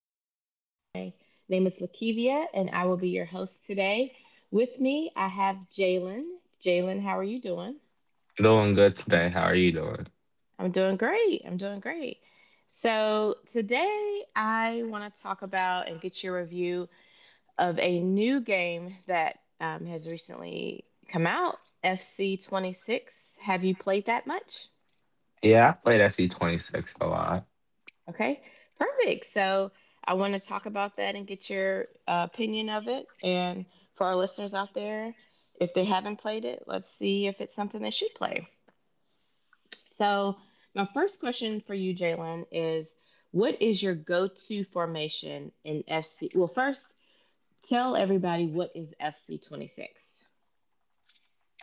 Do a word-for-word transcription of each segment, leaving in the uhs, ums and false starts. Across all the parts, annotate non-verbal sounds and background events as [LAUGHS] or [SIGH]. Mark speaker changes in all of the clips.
Speaker 1: podcast. My name is Lakivia, and I will be your host today. With me, I have Jalen. Jalen, how are you doing?
Speaker 2: Doing good today. How are you doing?
Speaker 1: I'm doing great. I'm doing great. So, today I want to talk about and get your review of a new game that um, has recently come out, F C twenty-six. Have you played that much?
Speaker 2: Yeah, I played S C twenty-six a lot.
Speaker 1: Okay, perfect. So I want to talk about that and get your uh, opinion of it. And for our listeners out there, if they haven't played it, let's see if it's something they should play. So, my first question for you, Jalen, is what is your go to formation in F C? Well, first, tell everybody, what is F C twenty-six.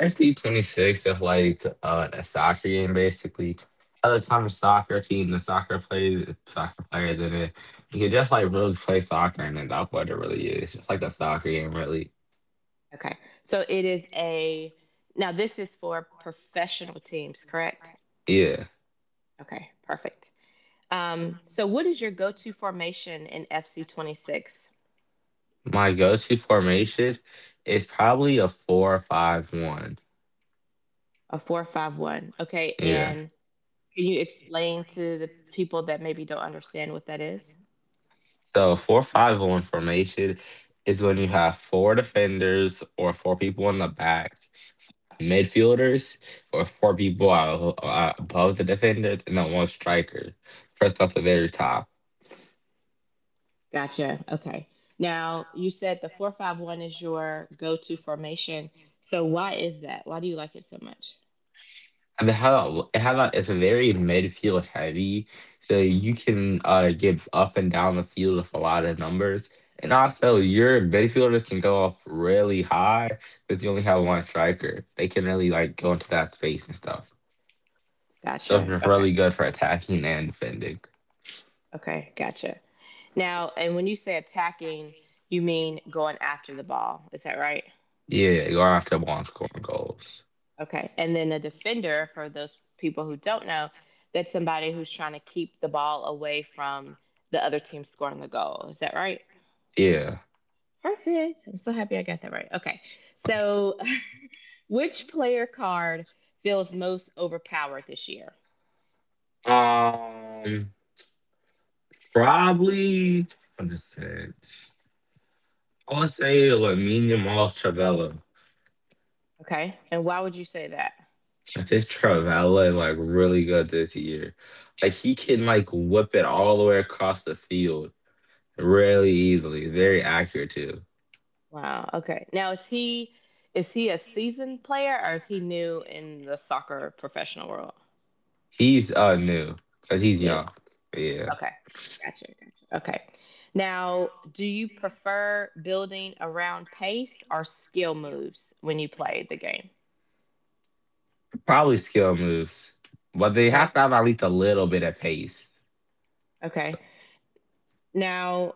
Speaker 2: S C twenty-six is like uh, a soccer game, basically. At the time, a soccer team, the soccer plays, soccer player, then it, you can just like really play soccer, and then that's what it really is. It's just like a soccer game, really.
Speaker 1: Okay, so it is a now this is for professional teams, correct?
Speaker 2: Yeah.
Speaker 1: Okay, perfect. Um, so what is your go-to formation in F C twenty-six?
Speaker 2: My go to formation is probably a four five one.
Speaker 1: A four five one? Okay,
Speaker 2: Yeah.
Speaker 1: and can you explain to the people that maybe don't understand what that is?
Speaker 2: So, four five one formation is when you have four defenders or four people in the back midfielders or four people out, uh, above the defenders and then one striker. First off the very top.
Speaker 1: Gotcha. Okay. Now, you said the four five one is your go-to formation. So why is that? Why do you like it so much?
Speaker 2: And the how how about it's a very midfield heavy, so you can uh give up and down the field with a lot of numbers. And also your midfielders can go off really high because you only have one striker. They can really like go into that space and stuff. So
Speaker 1: Gotcha.
Speaker 2: it's
Speaker 1: Okay.
Speaker 2: really good for attacking and defending.
Speaker 1: Okay, gotcha. Now, and when you say attacking, you mean going after the ball. Is that right?
Speaker 2: Yeah, going after ball and scoring goals.
Speaker 1: Okay. And then a defender, for those people who don't know, that's somebody who's trying to keep the ball away from the other team scoring the goal. Is that right?
Speaker 2: Yeah.
Speaker 1: Perfect. I'm so happy I got that right. Okay. So, [LAUGHS] which player card feels most overpowered this year?
Speaker 2: Um Probably, what is it? I want to say like medium off Travella.
Speaker 1: Okay. And why would you say that?
Speaker 2: I think Travella is like really good this year. Like he can like whip it all the way across the field really easily. Very accurate too.
Speaker 1: Wow. Okay. Now, is he is he a seasoned player or is he new in the soccer professional world?
Speaker 2: He's uh new because he's
Speaker 1: New.
Speaker 2: young. Yeah,
Speaker 1: Okay. Gotcha. Gotcha. Okay. Now, do you prefer building around pace or skill moves when you play the game?
Speaker 2: probably skill moves, but they have
Speaker 1: Okay.
Speaker 2: to have at least a little bit of pace.
Speaker 1: Okay. Now,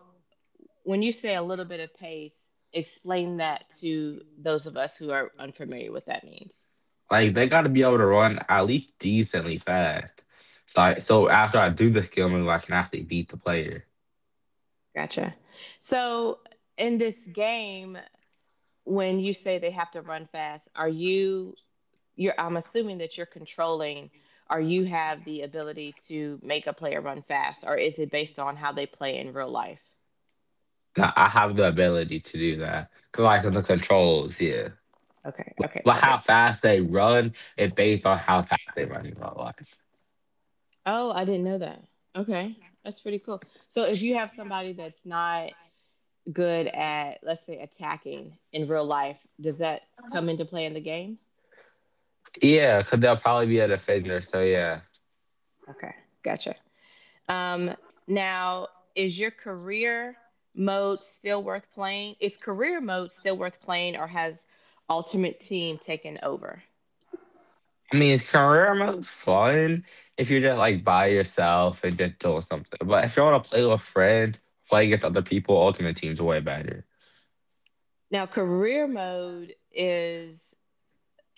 Speaker 1: when you say a little bit of pace, explain that to those of us who are unfamiliar what that means.
Speaker 2: Like they got to be able to run at least decently fast. So I, so after I do the skill move, I can actually beat the player.
Speaker 1: Gotcha. So, in this game, when you say they have to run fast, are you you're I'm assuming that you're controlling or you have the ability to make a player run fast, or is it based on how they play in real life?
Speaker 2: Now, I have the ability to do that because I can the
Speaker 1: Okay.
Speaker 2: controls here.
Speaker 1: Okay.
Speaker 2: But,
Speaker 1: Okay.
Speaker 2: but how
Speaker 1: Perfect.
Speaker 2: fast they run is based on how fast they run in real life.
Speaker 1: Oh, I didn't know that. Okay. That's pretty cool. So if you have somebody that's not good at, let's say, attacking in real life, does that come into play in the game?
Speaker 2: Yeah, because they'll probably be a defender. So, yeah.
Speaker 1: Okay. Gotcha. Um, now, is your career mode still worth playing? Is career mode still worth playing, or has Ultimate Team taken over?
Speaker 2: I mean, it's career mode fun if you're just like by yourself and just doing something. But if you want to play with friends, play against other people, Ultimate Team's way better.
Speaker 1: Now, career mode is,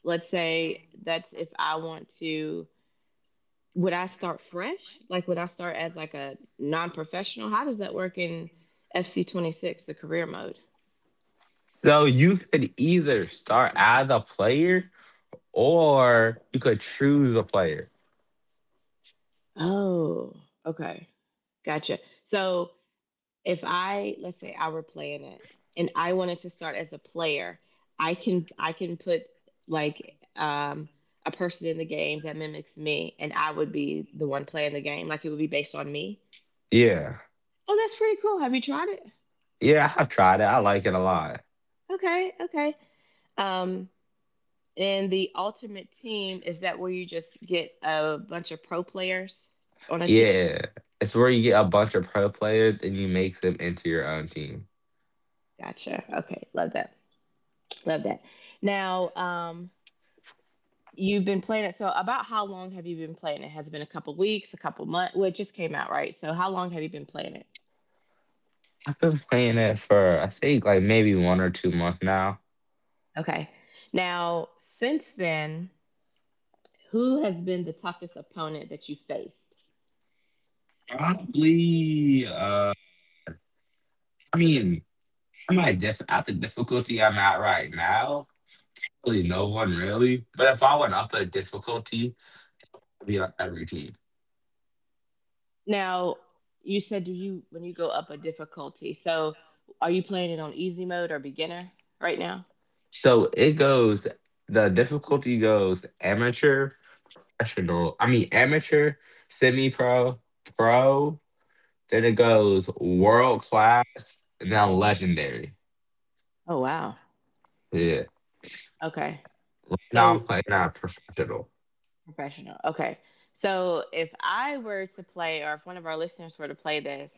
Speaker 1: let's say, that's if I want to, would I start fresh? Like, would I start as like a non-professional? How does that work in F C twenty-six, the career mode?
Speaker 2: So, you could either start as a player or you could choose a player.
Speaker 1: Oh, okay. Gotcha. So if I let's say I were playing it and I wanted to start as a player, I can I can put like um a person in the game that mimics me and I would be the one playing the game. Like it would be based on me.
Speaker 2: Yeah.
Speaker 1: Oh, that's pretty cool. Have you tried it?
Speaker 2: Yeah, I've tried it. I like it a lot.
Speaker 1: Okay, okay. Um and the ultimate team, is that where you just get a bunch of pro players on a team?
Speaker 2: Yeah, it's where you get a bunch of pro players and you make them into your own team.
Speaker 1: Gotcha. Okay, love that. Love that. Now, um you've been playing it. So, about how long have you been playing it? Has it been a couple weeks, a couple months? Well, it just came out, right? So, how long have you been playing it?
Speaker 2: I've been playing it for I think like maybe one or two months now.
Speaker 1: Okay. Now, since then, who has been the toughest opponent that you faced?
Speaker 2: Probably. Uh, I mean, I might def- at the difficulty I'm at right now, probably no one really. But if I went up a difficulty, I'd be on every team.
Speaker 1: Now, you said do you when you go up a difficulty. So, are you playing it on easy mode or beginner right now?
Speaker 2: So it goes. The difficulty goes amateur, professional. I mean, amateur, semi-pro, pro. Then it goes world class and now legendary.
Speaker 1: Oh, wow.
Speaker 2: Yeah.
Speaker 1: Okay.
Speaker 2: Now I'm
Speaker 1: So,
Speaker 2: playing not professional.
Speaker 1: professional. Okay. So if I were to play, or if one of our listeners were to play this,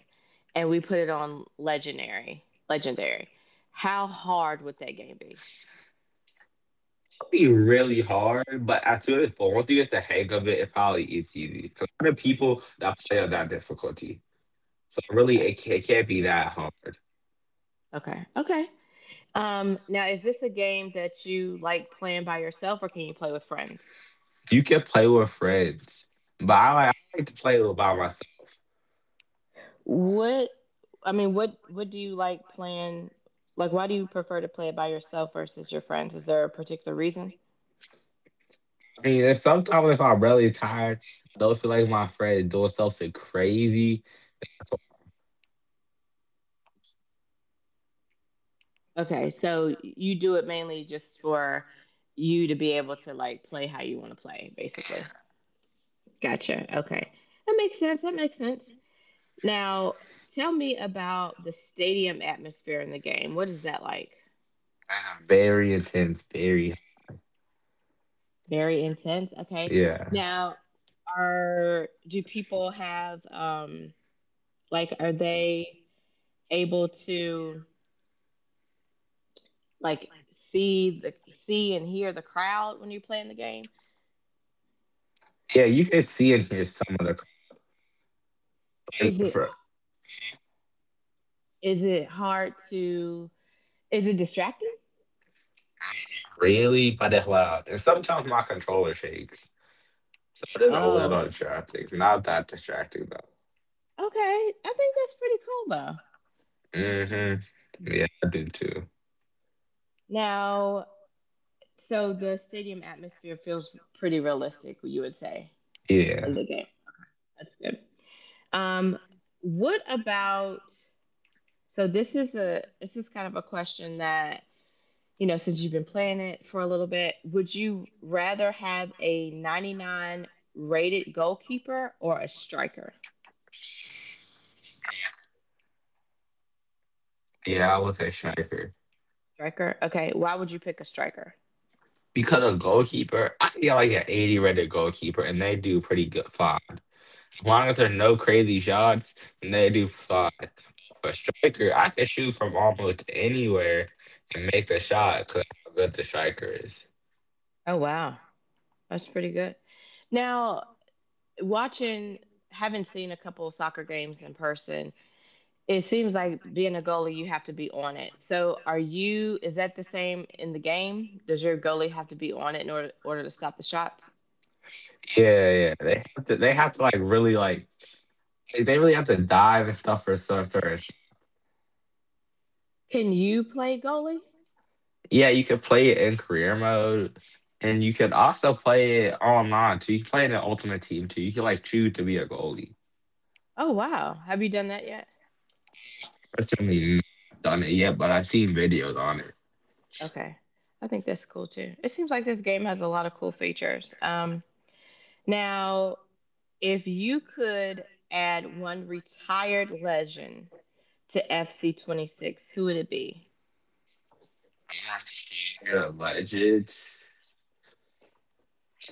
Speaker 1: and we put it on legendary, legendary, how hard would that game be?
Speaker 2: It'll be really hard, but I feel like once you get the hang of it, it probably is easy. 'Cause a lot of people that play on that difficulty. So really,
Speaker 1: Okay.
Speaker 2: it, ca- it can't be that hard.
Speaker 1: Okay. Okay. Um, now, is this a game that you like playing by yourself, or can you play with friends?
Speaker 2: You can play with friends, but I like, I like to play with by myself.
Speaker 1: What I mean, what what do you like playing? Like, why do you prefer to play it by yourself versus your friends? Is there a particular reason?
Speaker 2: I mean, and sometimes if I'm really tired, I don't feel like my friend doing something crazy.
Speaker 1: Okay, so you do it mainly just for you to be able to like play how you want to play, basically. Gotcha. Okay. That makes sense. That makes sense. Now, tell me about the stadium atmosphere in the game. What is that like?
Speaker 2: That's very intense, very.
Speaker 1: Very intense. Okay.
Speaker 2: Yeah.
Speaker 1: Now, are do people have um like are they able to like see the see and hear the crowd when you're playing the game?
Speaker 2: Yeah, you can see and hear some of the like
Speaker 1: Is it
Speaker 2: for
Speaker 1: is it hard to— is it distracting?
Speaker 2: really, but it's loud. And sometimes my controller shakes. So it is a
Speaker 1: Oh,
Speaker 2: little
Speaker 1: okay.
Speaker 2: distracting. Not that distracting though.
Speaker 1: I think that's pretty cool though.
Speaker 2: Mm-hmm. Yeah, I do too.
Speaker 1: Now, so the stadium atmosphere feels pretty realistic, you would say, in
Speaker 2: Yeah.
Speaker 1: the game. That's good. Um, what about so this is a this is kind of a question that, you know, since you've been playing it for a little bit, would you rather have a ninety-nine rated goalkeeper or a striker?
Speaker 2: Yeah, I would say striker.
Speaker 1: Striker. Okay, why would you pick a striker?
Speaker 2: Because a goalkeeper, I feel like an eighty rated goalkeeper, and they do pretty good fine. As long as there's no crazy shots, and they do fine. For striker, I can shoot from almost anywhere and make the shot because how good the striker is.
Speaker 1: Oh wow. That's pretty good. Now, watching, having seen a couple of soccer games in person. It seems like being a goalie, you have to be on it. So, are you? Is that the same in the game? Does your goalie have to be on it in order, order to stop the shots?
Speaker 2: Yeah, yeah. They have to, they have to like really like like, they really have to dive and stuff for certain. certain sh-
Speaker 1: Can you play goalie?
Speaker 2: Yeah, you could play it in career mode, and you could also play it online too. You can play it in the Ultimate Team too. You can like choose to be a goalie.
Speaker 1: Oh wow, have you done that yet?
Speaker 2: I've certainly not done it yet, but I've seen videos on it.
Speaker 1: Okay, I think that's cool too. It seems like this game has a lot of cool features. Um, now, if you could add one retired legend to F C twenty-six, who would it be?
Speaker 2: I'm not sure, but it's, it's-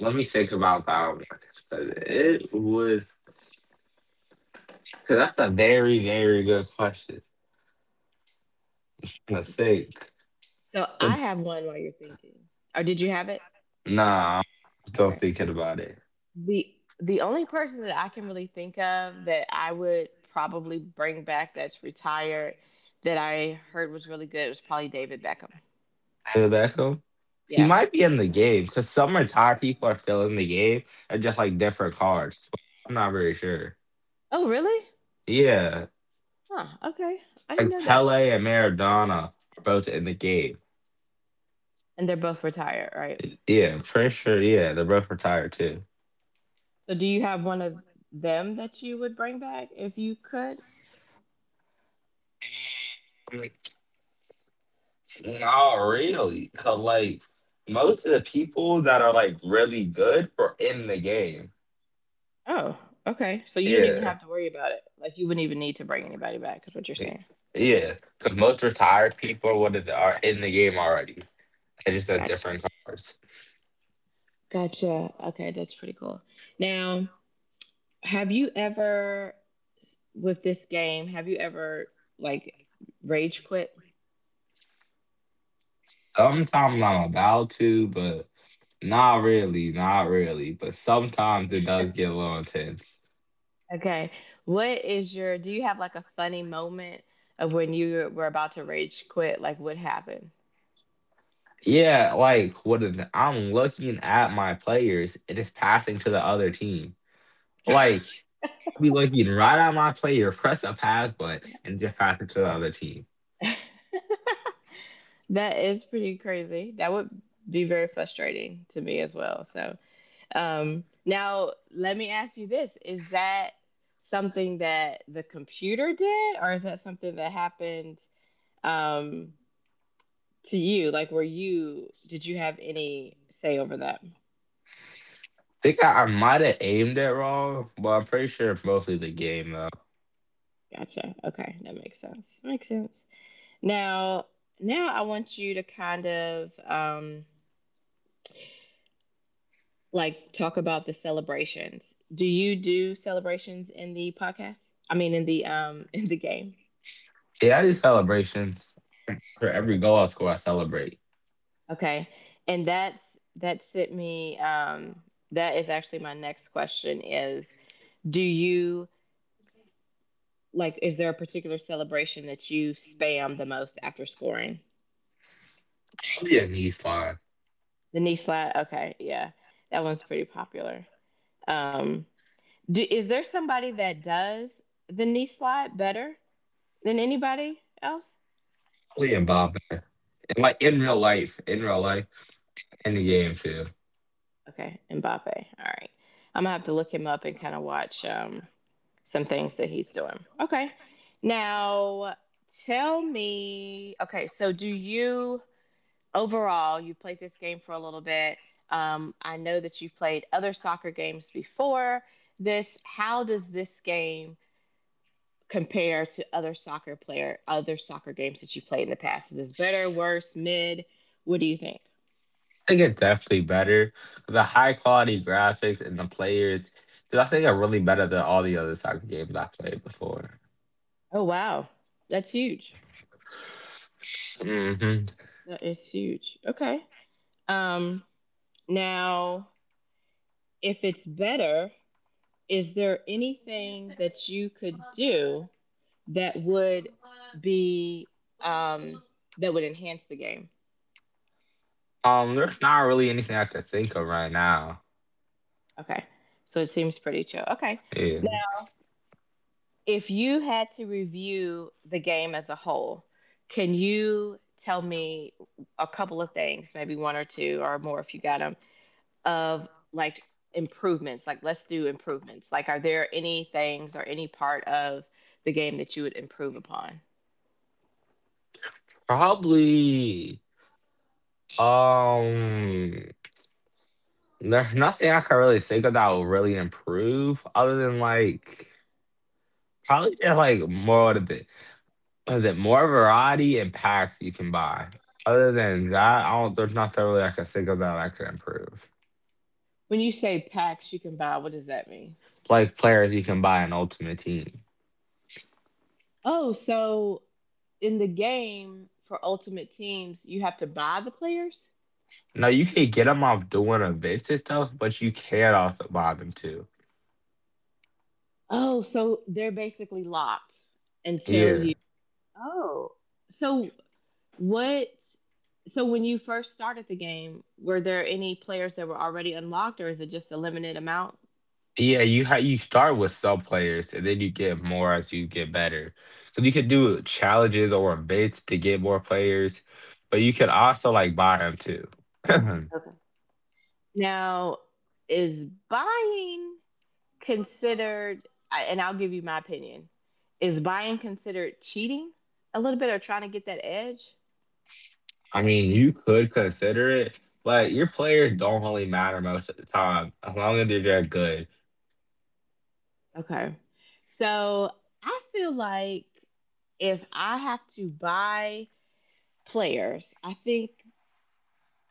Speaker 2: let me think about that one. 'Cause
Speaker 1: Okay.
Speaker 2: it would, because that's a very very good question. I think.
Speaker 1: So I
Speaker 2: 'Cause.
Speaker 1: have one while you're thinking. Or did you have it?
Speaker 2: Nah, I'm still
Speaker 1: Okay.
Speaker 2: thinking about it.
Speaker 1: The the only person that I can really think of that I would probably bring back that's retired that I heard was really good was probably David Beckham.
Speaker 2: David Beckham. He
Speaker 1: Yeah.
Speaker 2: might be in the game because some retired people are still in the game and just like different cards. I'm not really sure.
Speaker 1: Oh, really?
Speaker 2: Yeah,
Speaker 1: Huh. Okay. I didn't
Speaker 2: like
Speaker 1: know that.
Speaker 2: Pele and Maradona are both in the game.
Speaker 1: And they're both retired, right?
Speaker 2: Yeah, I'm pretty sure. Yeah, they're both retired too.
Speaker 1: So do you have one of them that you would bring back if you could?
Speaker 2: Like, not really, cause like most of the people that are like really good are in the game.
Speaker 1: Oh, okay. So you don't even
Speaker 2: Yeah,
Speaker 1: have to worry about it. Like you wouldn't even need to bring anybody back, is what you're saying.
Speaker 2: yeah, cause most retired people are what are are in the game already. They just have
Speaker 1: Gotcha.
Speaker 2: different cards.
Speaker 1: Gotcha. Okay, that's pretty cool. Now, have you ever with this game, have you ever like rage quit?
Speaker 2: Sometimes I'm about to, but not really, not really. But sometimes it does get a little intense.
Speaker 1: Okay. What is your— do you have like a funny moment of when you were about to rage quit? Like what happened?
Speaker 2: Yeah, like what is, I'm looking at my players, it is passing to the other team. Like I'll be looking right at my player, press a pass button, and just pass it to the other team.
Speaker 1: [LAUGHS] That is pretty crazy. That would be very frustrating to me as well. So Um, now, let me ask you this. Is that something that the computer did, or is that something that happened, um, to you? Like, were you, did you have any say over that?
Speaker 2: think I, I might have aimed it wrong, but I'm pretty sure it's mostly the game though.
Speaker 1: Gotcha. Okay, that makes sense. Makes sense. Now, now I want you to kind of um, like talk about the celebrations. Do you do celebrations in the podcast? I mean, in the um, [LAUGHS] in the game?
Speaker 2: Yeah, I do celebrations. For every goal I score, I celebrate.
Speaker 1: Okay. And that's— that sent me um that is actually my next question is, do you like— is there a particular celebration that you spam the most after scoring?
Speaker 2: I be a knee slide.
Speaker 1: The knee slide. Okay, yeah. That one's pretty popular. Um, do, is there somebody that does the knee slide better than anybody else?
Speaker 2: And Bob, and like in real life, in real life, in the game too.
Speaker 1: Okay, Mbappe. All right. I'm gonna have to look him up and kind of watch um, some things that he's doing. Okay. Now tell me. Okay, so do you— overall, you played this game for a little bit? Um, I know that you've played other soccer games before this. How does this game compare to other soccer player other soccer games that you've played in the past? Is this better, worse, mid? What do you think?
Speaker 2: I think it's definitely better. The high quality graphics and the players, dude, I think are really better than all the other soccer games I played before.
Speaker 1: Oh wow, that's huge.
Speaker 2: Hmm.
Speaker 1: That is huge. Okay. Um, now, if it's better, is there anything that you could do that would be, um, that would enhance the game?
Speaker 2: Um, there's not really anything I could think of right now.
Speaker 1: Okay, so it seems pretty chill. Okay,
Speaker 2: Yeah,
Speaker 1: now if you had to review the game as a whole, can you tell me a couple of things, maybe one or two or more if you got them, of like improvements— like let's do improvements, like are there any things or any part of the game that you would improve upon?
Speaker 2: probably. Um, there's nothing I can really think of that will really improve other than like probably just like more of the. Is it more variety and packs you can buy? Other than that, I don't, there's nothing really I can think of that I could improve.
Speaker 1: When you say packs you can buy, what does that mean?
Speaker 2: Like players you can buy an ultimate team.
Speaker 1: Oh, so in the game for ultimate teams you have to buy the players.
Speaker 2: No, you can get them off doing events and stuff, but you can also buy them too.
Speaker 1: Oh, so they're basically locked until you—
Speaker 2: Yeah,
Speaker 1: oh, so what, so when you first started the game were there any players that were already unlocked or is it just a limited amount?
Speaker 2: yeah. You ha- you start with sub players, and then you get more as you get better. So you could do challenges or events to get more players, but you could also like buy them too. [CLEARS THROAT]
Speaker 1: Okay. Now, is buying considered, I- and I'll give you my opinion, is buying considered cheating a little bit or trying to get that edge?
Speaker 2: I mean, you could consider it, but your players don't really matter most of the time as long as they're that good.
Speaker 1: Okay. So I feel like if I have to buy players, I think,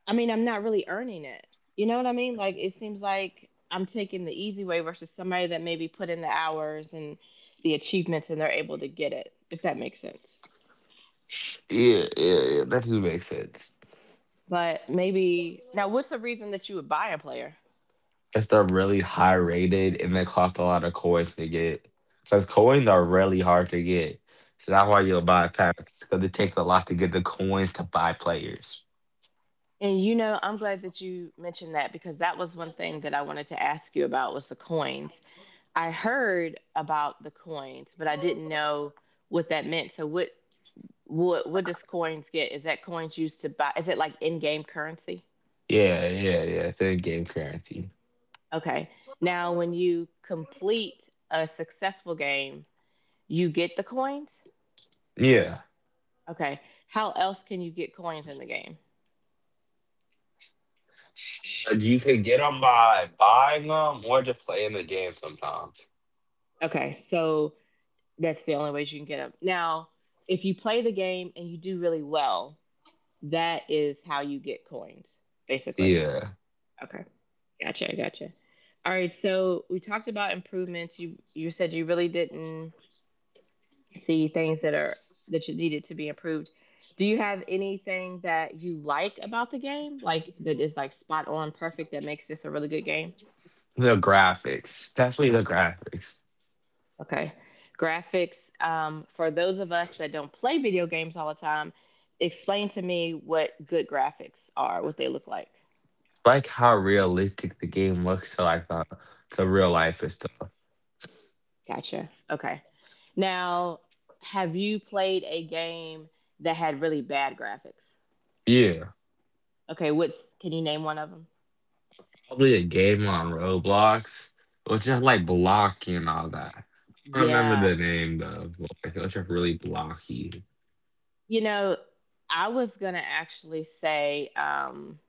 Speaker 1: I mean, I'm not really earning it. You know what I mean? Like, it seems like I'm taking the easy way versus somebody that maybe put in the hours and the achievements and they're able to get it, if that makes sense.
Speaker 2: Yeah, yeah, yeah. That doesn't make sense.
Speaker 1: But maybe now, what's the reason that you would buy a player?
Speaker 2: If they're really high rated and they cost a lot of coins to get, because coins are really hard to get. So that's why you'll buy packs because it takes a lot to get the coins to buy players.
Speaker 1: And you know, I'm glad that you mentioned that because that was one thing that I wanted to ask you about was the coins. I heard about the coins, but I didn't know what that meant. So what what what does coins get? Is that coins used to buy? Is it like in-game currency?
Speaker 2: Yeah, yeah, yeah. It's in game currency.
Speaker 1: Okay. Now, when you complete a successful game, you get the coins?
Speaker 2: Yeah,
Speaker 1: Okay. How else can you get coins in the game?
Speaker 2: you can get them by buying them or just playing the game sometimes.
Speaker 1: Okay. So that's the only ways you can get them. Now, if you play the game and you do really well, that is how you get coins, basically.
Speaker 2: Yeah.
Speaker 1: Okay. Gotcha, gotcha. All right, so we talked about improvements. You you said you really didn't see things that are that you needed to be improved. Do you have anything that you like about the game? Like that is like spot on perfect that makes this a really good game?
Speaker 2: The graphics, definitely the graphics.
Speaker 1: Okay. Graphics, um, for those of us that don't play video games all the time, explain to me what good graphics are, what they look like.
Speaker 2: Like how realistic the game looks to like the to real life and stuff.
Speaker 1: Gotcha. Okay. Now, have you played a game that had really bad graphics?
Speaker 2: Yeah,
Speaker 1: Okay, what's can you name one of them?
Speaker 2: probably a game on Roblox, which is like blocky and all that. I don't remember
Speaker 1: Yeah.
Speaker 2: the name though, but like it was just really blocky.
Speaker 1: You know, I was gonna actually say um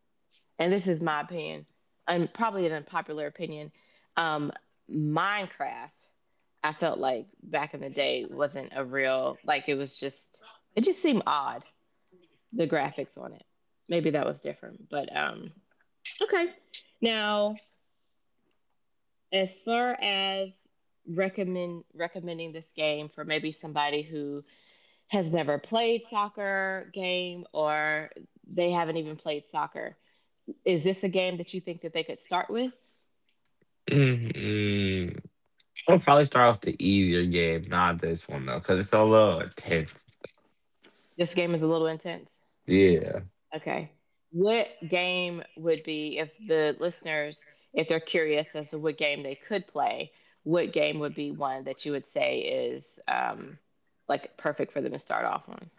Speaker 1: and this is my opinion, and probably an unpopular opinion, um, Minecraft, I felt like back in the day wasn't a real like it was just it just seemed odd the graphics on it. Maybe that was different, but um, okay. Now, as far as recommend recommending this game for maybe somebody who has never played soccer game or they haven't even played soccer, is this a game that you think that they could start with?
Speaker 2: Mm-mm. I'll probably start off the easier game, not this one though, because it's a little intense.
Speaker 1: This game is a little intense.
Speaker 2: Yeah.
Speaker 1: Okay. What game would be if the listeners, if they're curious as to what game they could play, what game would be one that you would say is um, like perfect for them to start off on?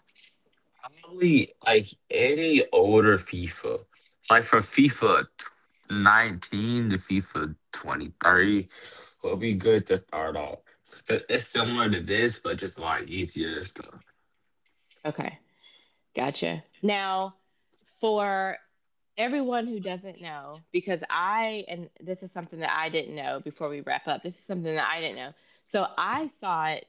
Speaker 2: Probably like any older FIFA, like from FIFA nineteen to FIFA twenty-three, will be good to start off. It- It's similar to this, but just a lot easier stuff.
Speaker 1: Okay. Gotcha. Now, for everyone who doesn't know, because I, and this is something that I didn't know before we wrap up, this is something that I didn't know. So I thought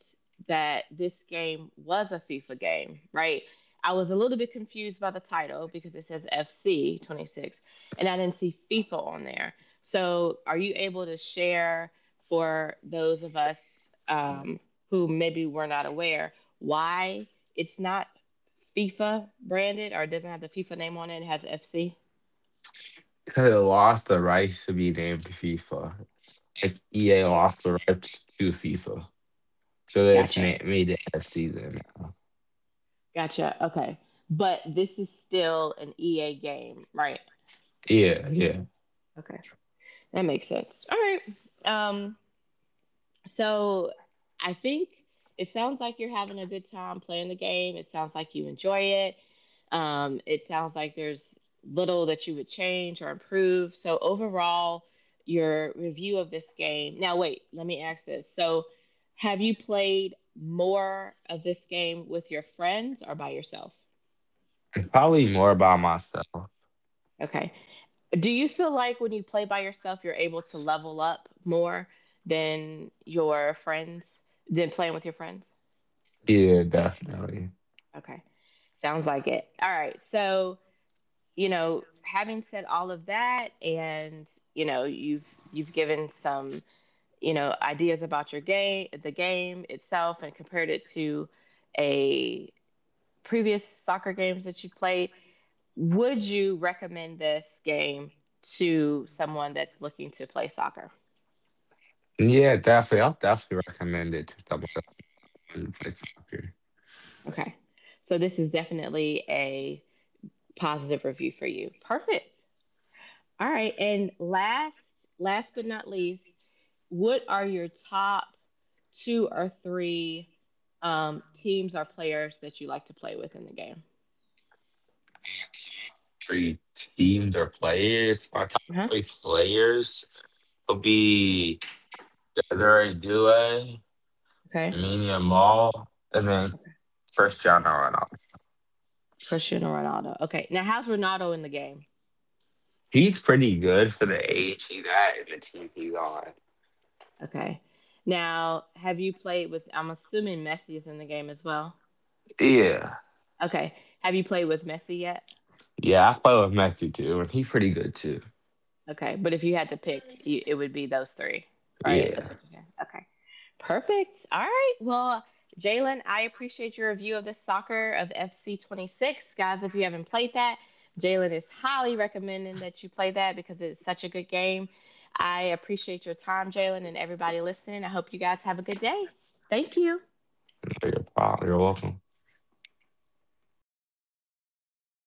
Speaker 1: that this game was a FIFA game, right? I was a little bit confused by the title because it says F C twenty-six and I didn't see FIFA on there. So are you able to share for those of us um, who maybe were not aware why it's not FIFA branded or it doesn't have the FIFA name on it, it has F C.
Speaker 2: Because it lost the rights to be named FIFA. Like E A lost the rights to FIFA. So they've
Speaker 1: Gotcha.
Speaker 2: named me the F C then now.
Speaker 1: Gotcha. Okay. But this is still an E A game, right?
Speaker 2: Yeah, yeah.
Speaker 1: Okay. That makes sense. All right. Um So I think it sounds like you're having a good time playing the game. It sounds like you enjoy it. Um, it sounds like there's little that you would change or improve. So overall, your review of this game. Now, wait, let me ask this. So, have you played more of this game with your friends or by yourself?
Speaker 2: Probably more about myself.
Speaker 1: Okay. Do you feel like when you play by yourself, you're able to level up more than your friends, than playing with your friends?
Speaker 2: Yeah, definitely.
Speaker 1: Okay. Sounds like it. All right. So, you know, having said all of that and, you know, you've you've given some, you know, ideas about your game, the game itself and compared it to a previous soccer games that you played, would you recommend this game to someone that's looking to play soccer?
Speaker 2: Yeah, definitely. I'll definitely recommend it to someone and play soccer.
Speaker 1: Okay. So this is definitely a positive review for you. Perfect. All right. And last last but not least, what are your top two or three um, teams or players that you like to play with in the game?
Speaker 2: Three teams or players. My top
Speaker 1: Huh?
Speaker 2: three players would be Desiree Due,
Speaker 1: Okay.
Speaker 2: Aminia Mall, and then
Speaker 1: Okay.
Speaker 2: Cristiano Ronaldo.
Speaker 1: Cristiano Ronaldo. Okay. Now, how's Ronaldo in the game?
Speaker 2: He's pretty good for the age he's at and the team he's on.
Speaker 1: Okay. Now, have you played with? I'm assuming Messi is in the game as well.
Speaker 2: Yeah.
Speaker 1: Okay. Have you played with Messi yet?
Speaker 2: Yeah, I play with Messi too, and he's pretty good too.
Speaker 1: Okay, but if you had to pick, you, it would be those three, right? That's
Speaker 2: Yeah.
Speaker 1: what you're saying. Okay, perfect. All right. Well, Jalen, I appreciate your review of the soccer of F C twenty-six, guys. If you haven't played that, Jalen is highly recommending that you play that because it's such a good game. I appreciate your time, Jalen, and everybody listening. I hope you guys have a good day. Thank you.
Speaker 2: No, you're, prob- you're welcome.